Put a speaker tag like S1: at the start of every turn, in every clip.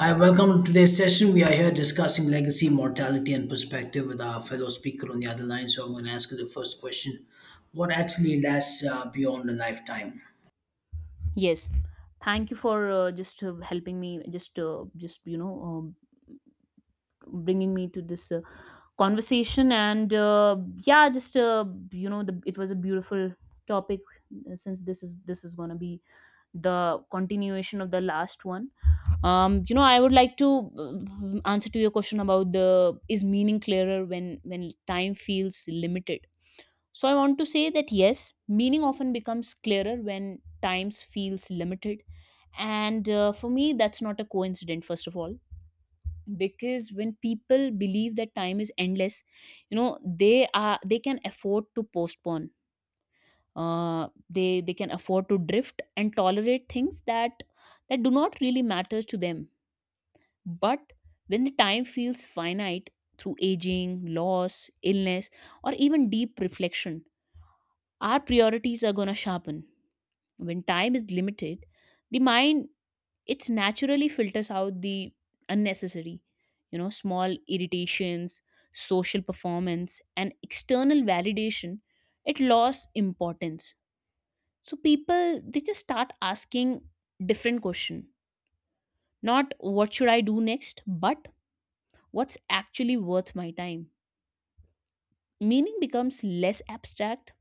S1: Hi, welcome to today's session. We are here discussing legacy, mortality, and perspective with our fellow speaker on the other line. So I'm going to ask you the first question. What actually lasts beyond a lifetime?
S2: Yes, thank you for just helping me, just bringing me to this conversation, and yeah, just it was a beautiful topic. Since this is gonna be the continuation of the last one. I would like to answer to your question about the is meaning clearer when time feels limited. So I want to say that yes, meaning often becomes clearer when times feels limited, and for me, that's not a coincidence. First of all, because when people believe that time is endless, you know, they can afford to postpone. They can afford to drift and tolerate things that do not really matter to them. But when the time feels finite, through aging, loss, illness, or even deep reflection, our priorities are gonna sharpen. When time is limited, the mind it's naturally filters out the unnecessary, you know, small irritations, social performance, and external validation, it lost importance. So people they just start asking different question, not what should I do next, but what's actually worth my time. Meaning becomes less abstract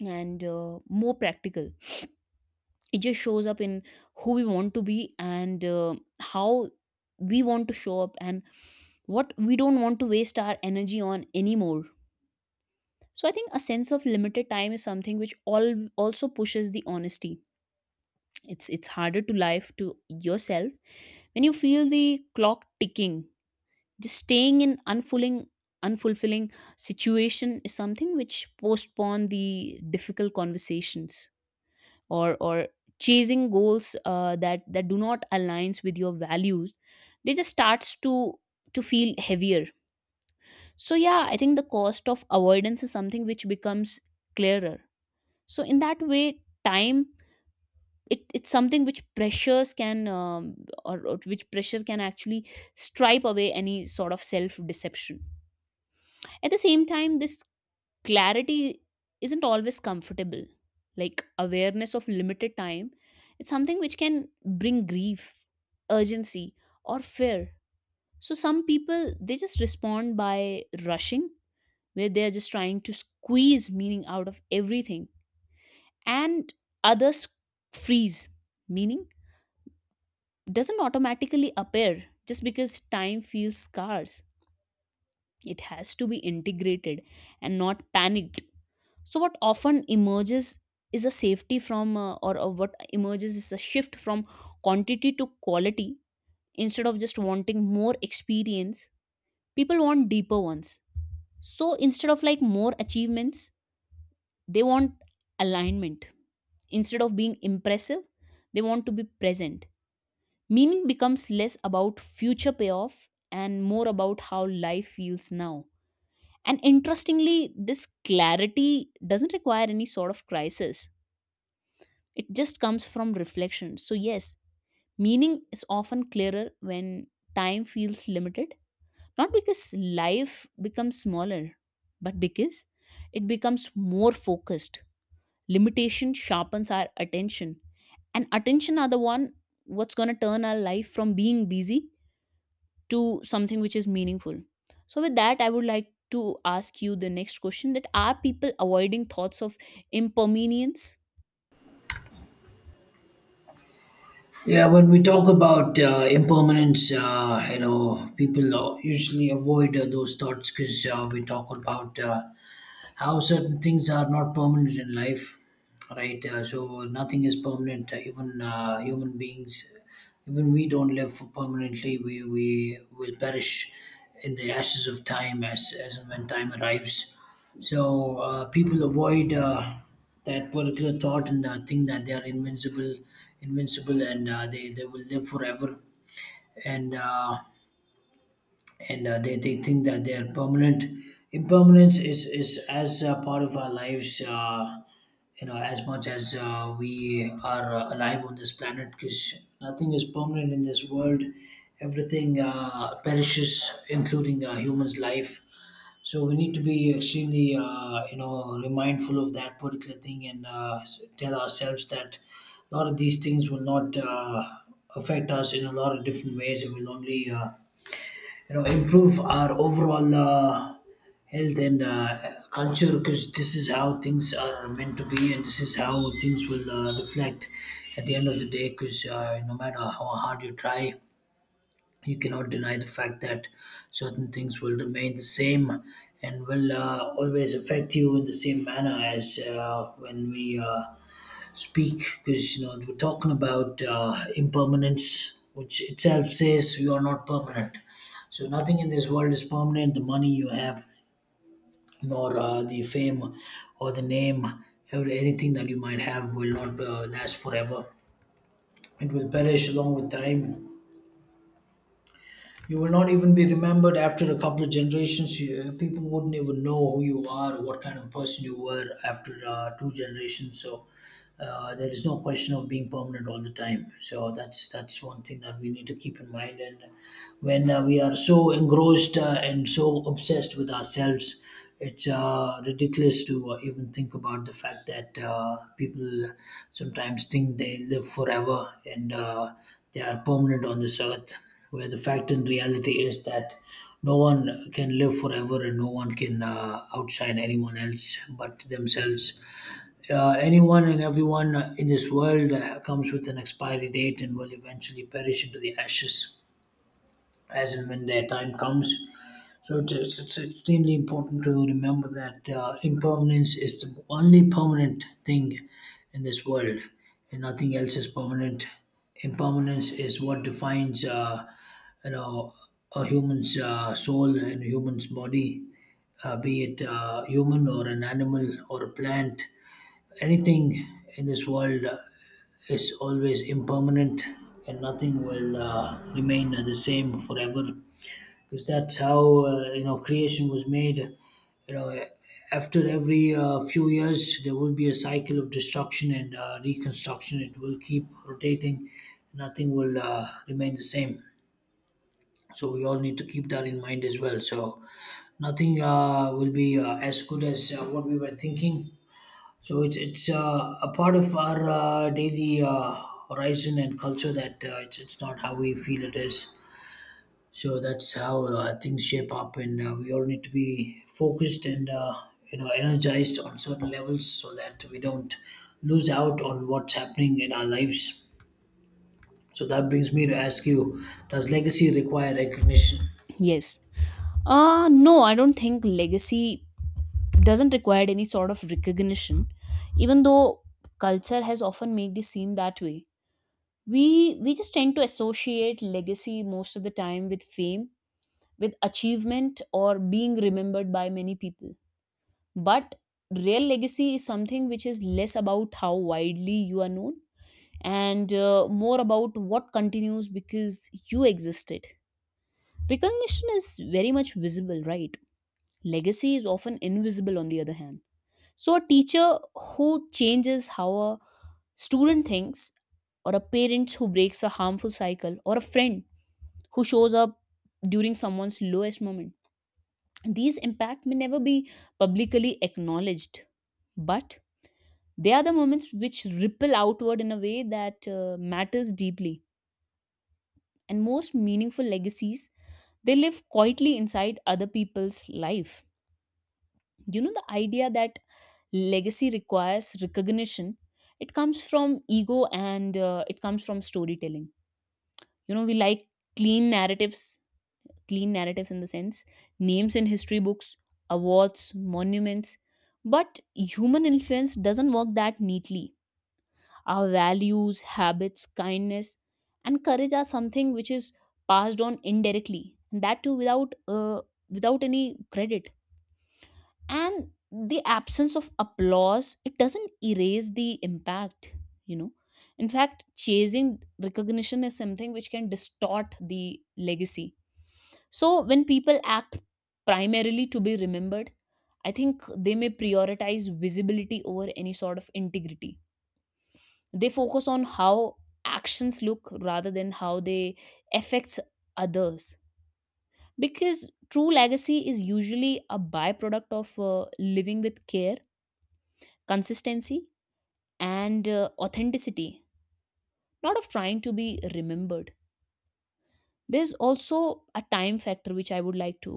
S2: and more practical. It just shows up in who we want to be, and how we want to show up, and what we don't want to waste our energy on anymore. So I think a sense of limited time is something which all also pushes the honesty. It's harder to life to yourself when you feel the clock ticking. Just staying in unfulfilling situation is something which postpone the difficult conversations, or chasing goals that do not aligns with your values. They just starts to feel heavier. So, yeah, I think the cost of avoidance is something which becomes clearer. So, in that way, time it, it's something which pressures can or which pressure can actually stripe away any sort of self deception. At the same time, this clarity isn't always comfortable. Like awareness of limited time, it's something which can bring grief, urgency, or fear. So, some people they just respond by rushing, where they're just trying to squeeze meaning out of everything, and others freeze. Meaning doesn't automatically appear just because time feels scarce, it has to be integrated and not panicked. So what often emerges is a safety from or what emerges is a shift from quantity to quality. Instead of just wanting more experience, people want deeper ones. So instead of like more achievements, they want alignment. Instead of being impressive, they want to be present. Meaning becomes less about future payoff and more about how life feels now. And interestingly, this clarity doesn't require any sort of crisis, it just comes from reflection. So, yes, meaning is often clearer when time feels limited, not because life becomes smaller, but because it becomes more focused. Limitation sharpens our attention, and attention are the one what's going to turn our life from being busy to something which is meaningful. So with that, I would like to ask you the next question: that are people avoiding thoughts of impermanence?
S1: Yeah, when we talk about impermanence, you know, people usually avoid those thoughts because we talk about how certain things are not permanent in life, right. So nothing is permanent. Even human beings, even we don't live for permanently. We will perish in the ashes of time as and when time arrives. So people avoid that particular thought and think that they are invincible and they will live forever, and uh, and they think that they're permanent. Impermanence is as a part of our lives, you know, as much as we are alive on this planet, because nothing is permanent in this world. Everything perishes, including a human's life. So we need to be extremely, you know, mindful of that particular thing and tell ourselves that a lot of these things will not affect us in a lot of different ways. It will only you know improve our overall health and culture, because this is how things are meant to be, and this is how things will reflect at the end of the day. Because no matter how hard you try, you cannot deny the fact that certain things will remain the same and will always affect you in the same manner as when we speak. Because you know, we're talking about impermanence, which itself says you are not permanent. So nothing in this world is permanent, the money you have, nor the fame, or the name, or anything that you might have will not last forever. It will perish along with time. You will not even be remembered after a couple of generations. You, people wouldn't even know who you are, what kind of person you were after two generations. So there is no question of being permanent all the time. So that's one thing that we need to keep in mind. And when we are so engrossed and so obsessed with ourselves, it's ridiculous to even think about the fact that people sometimes think they live forever and they are permanent on this earth, where the fact and reality is that no one can live forever and no one can outshine anyone else but themselves. Anyone and everyone in this world comes with an expiry date and will eventually perish into the ashes as and when their time comes. So it's extremely important to remember that impermanence is the only permanent thing in this world, and nothing else is permanent. Impermanence is what defines, you know, a human's soul and a human's body, be it human or an animal or a plant. Anything in this world is always impermanent, and nothing will remain the same forever, because that's how you know creation was made. You know, after every few years there will be a cycle of destruction and reconstruction. It will keep rotating. Nothing will remain the same. So we all need to keep that in mind as well. So nothing will be as good as what we were thinking. So it's a part of our daily horizon and culture, that it's not how we feel it is. So that's how things shape up, and we all need to be focused and you know energized on certain levels so that we don't lose out on what's happening in our lives. So that brings me to ask you: does legacy require recognition?
S2: Yes. No, I don't think legacy doesn't require any sort of recognition, even though culture has often made it seem that way. we we just tend to associate legacy most of the time with fame, with achievement, or being remembered by many people. But real legacy is something which is less about how widely you are known, and more about what continues because you existed. Recognition is very much visible, right? Legacy is often invisible, on the other hand. So, a teacher who changes how a student thinks, or a parent who breaks a harmful cycle, or a friend who shows up during someone's lowest moment, these impact may never be publicly acknowledged. But they are the moments which ripple outward in a way that matters deeply, and most meaningful legacies they live quietly inside other people's life. You know the idea that legacy requires recognition. It comes from ego, and it comes from storytelling. You know we like clean narratives, clean narratives in the sense names in history books, awards, monuments, but human influence doesn't work that neatly. Our values, habits, kindness, and courage are something which is passed on indirectly, and that too without any credit. And the absence of applause it doesn't erase the impact. You know, in fact, chasing recognition is something which can distort the legacy. So when people act primarily to be remembered, I think they may prioritize visibility over any sort of integrity. They focus on how actions look rather than how they affects others, because true legacy is usually a byproduct of living with care, consistency, and authenticity, not of trying to be remembered. There's also a time factor which I would like to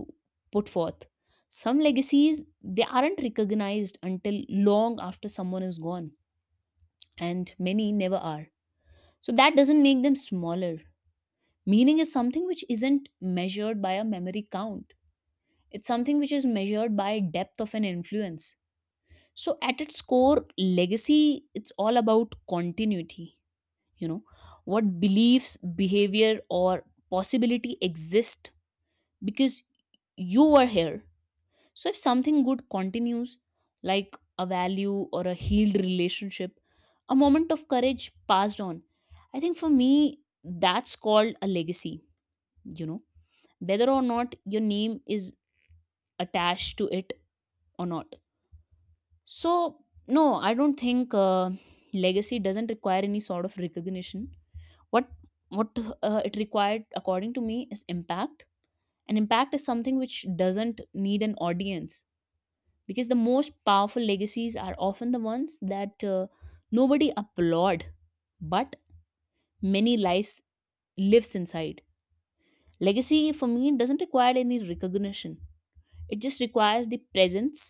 S2: put forth. Some legacies they aren't recognized until long after someone is gone, and many never are, so that doesn't make them smaller. Meaning is something which isn't measured by a memory count, it's something which is measured by depth of an influence. So, at its core, legacy it's all about continuity. You know, what beliefs, behavior, or possibility exist because you were here. So, if something good continues, like a value or a healed relationship, a moment of courage passed on, I think for me, that's called a legacy, you know, whether or not your name is attached to it or not. So, no, I don't think legacy doesn't require any sort of recognition. What what uh, it required according to me is impact, and impact is something which doesn't need an audience, because the most powerful legacies are often the ones that nobody applaud, but many lives lives inside. Legacy for me doesn't require any recognition. It just requires the presence,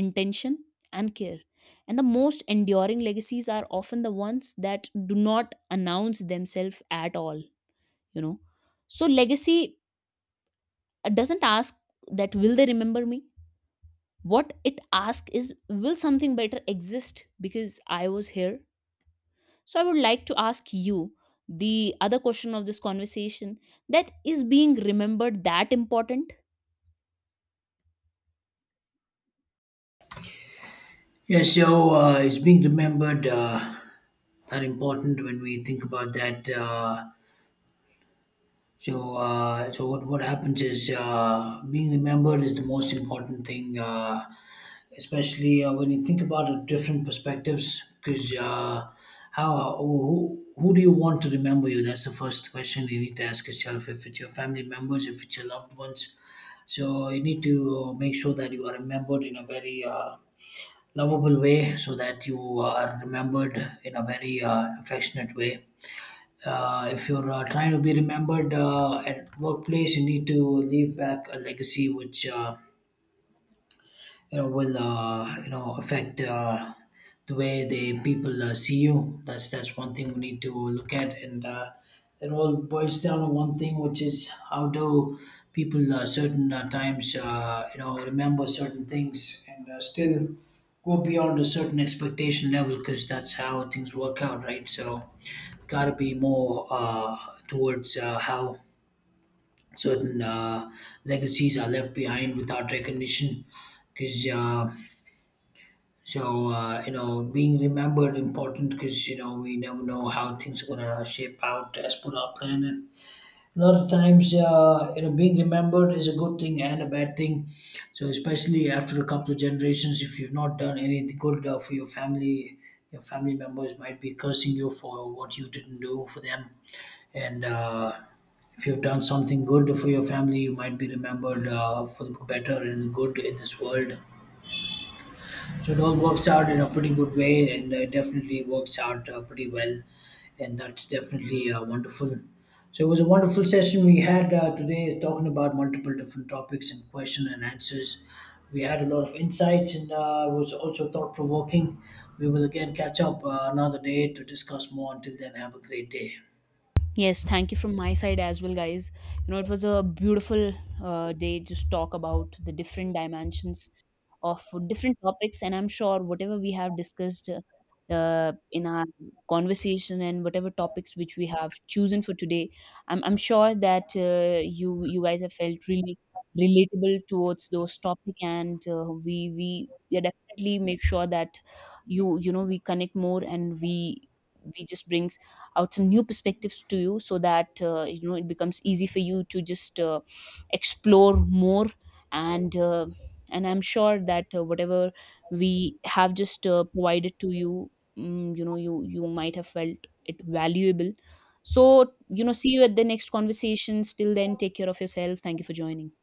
S2: intention, and care. And the most enduring legacies are often the ones that do not announce themselves at all, you know. So, legacy doesn't ask that, will they remember me? What it asks is, will something better exist because I was here? So, I would like to ask you the other question of this conversation, that is being remembered that important?
S1: Yes, so it's being remembered. Are important when we think about that. So what happens is being remembered is the most important thing. Especially when you think about it, different perspectives. Because how who do you want to remember you? That's the first question you need to ask yourself. If it's your family members, if it's your loved ones, so you need to make sure that you are remembered in a very lovable way, so that you are remembered in a very affectionate way. If you're trying to be remembered at workplace, you need to leave back a legacy which. You know will you know affect the way the people see you. That's one thing we need to look at, and it all boils down to one thing, which is how do people certain times you know remember certain things and still go beyond a certain expectation level, because that's how things work out, right? So gotta be more towards how certain legacies are left behind without recognition. Because you know, being remembered important, because you know we never know how things are gonna shape out as per our plan. And a lot of times, you know, being remembered is a good thing and a bad thing. So especially after a couple of generations, if you've not done anything good for your family members might be cursing you for what you didn't do for them. And if you've done something good for your family, you might be remembered for the better and good in this world. So it all works out in a pretty good way, and it definitely works out pretty well, and that's definitely wonderful. So it was a wonderful session we had today, is talking about multiple different topics and question and answers. We had a lot of insights, and it was also thought provoking. We will again catch up another day to discuss more. Until then, have a great day.
S2: Yes, thank you from my side as well, guys. You know, it was a beautiful day just talk about the different dimensions of different topics, and I'm sure whatever we have discussed in our conversation, and whatever topics which we have chosen for today, I'm sure that you you guys have felt really relatable towards those topic, and we definitely make sure that you know we connect more, and we just bring out some new perspectives to you so that you know it becomes easy for you to just explore more, and I'm sure that whatever we have just provided to you, you know you you might have felt it valuable. So, you know, see you at the next conversations. Till then, take care of yourself. Thank you for joining.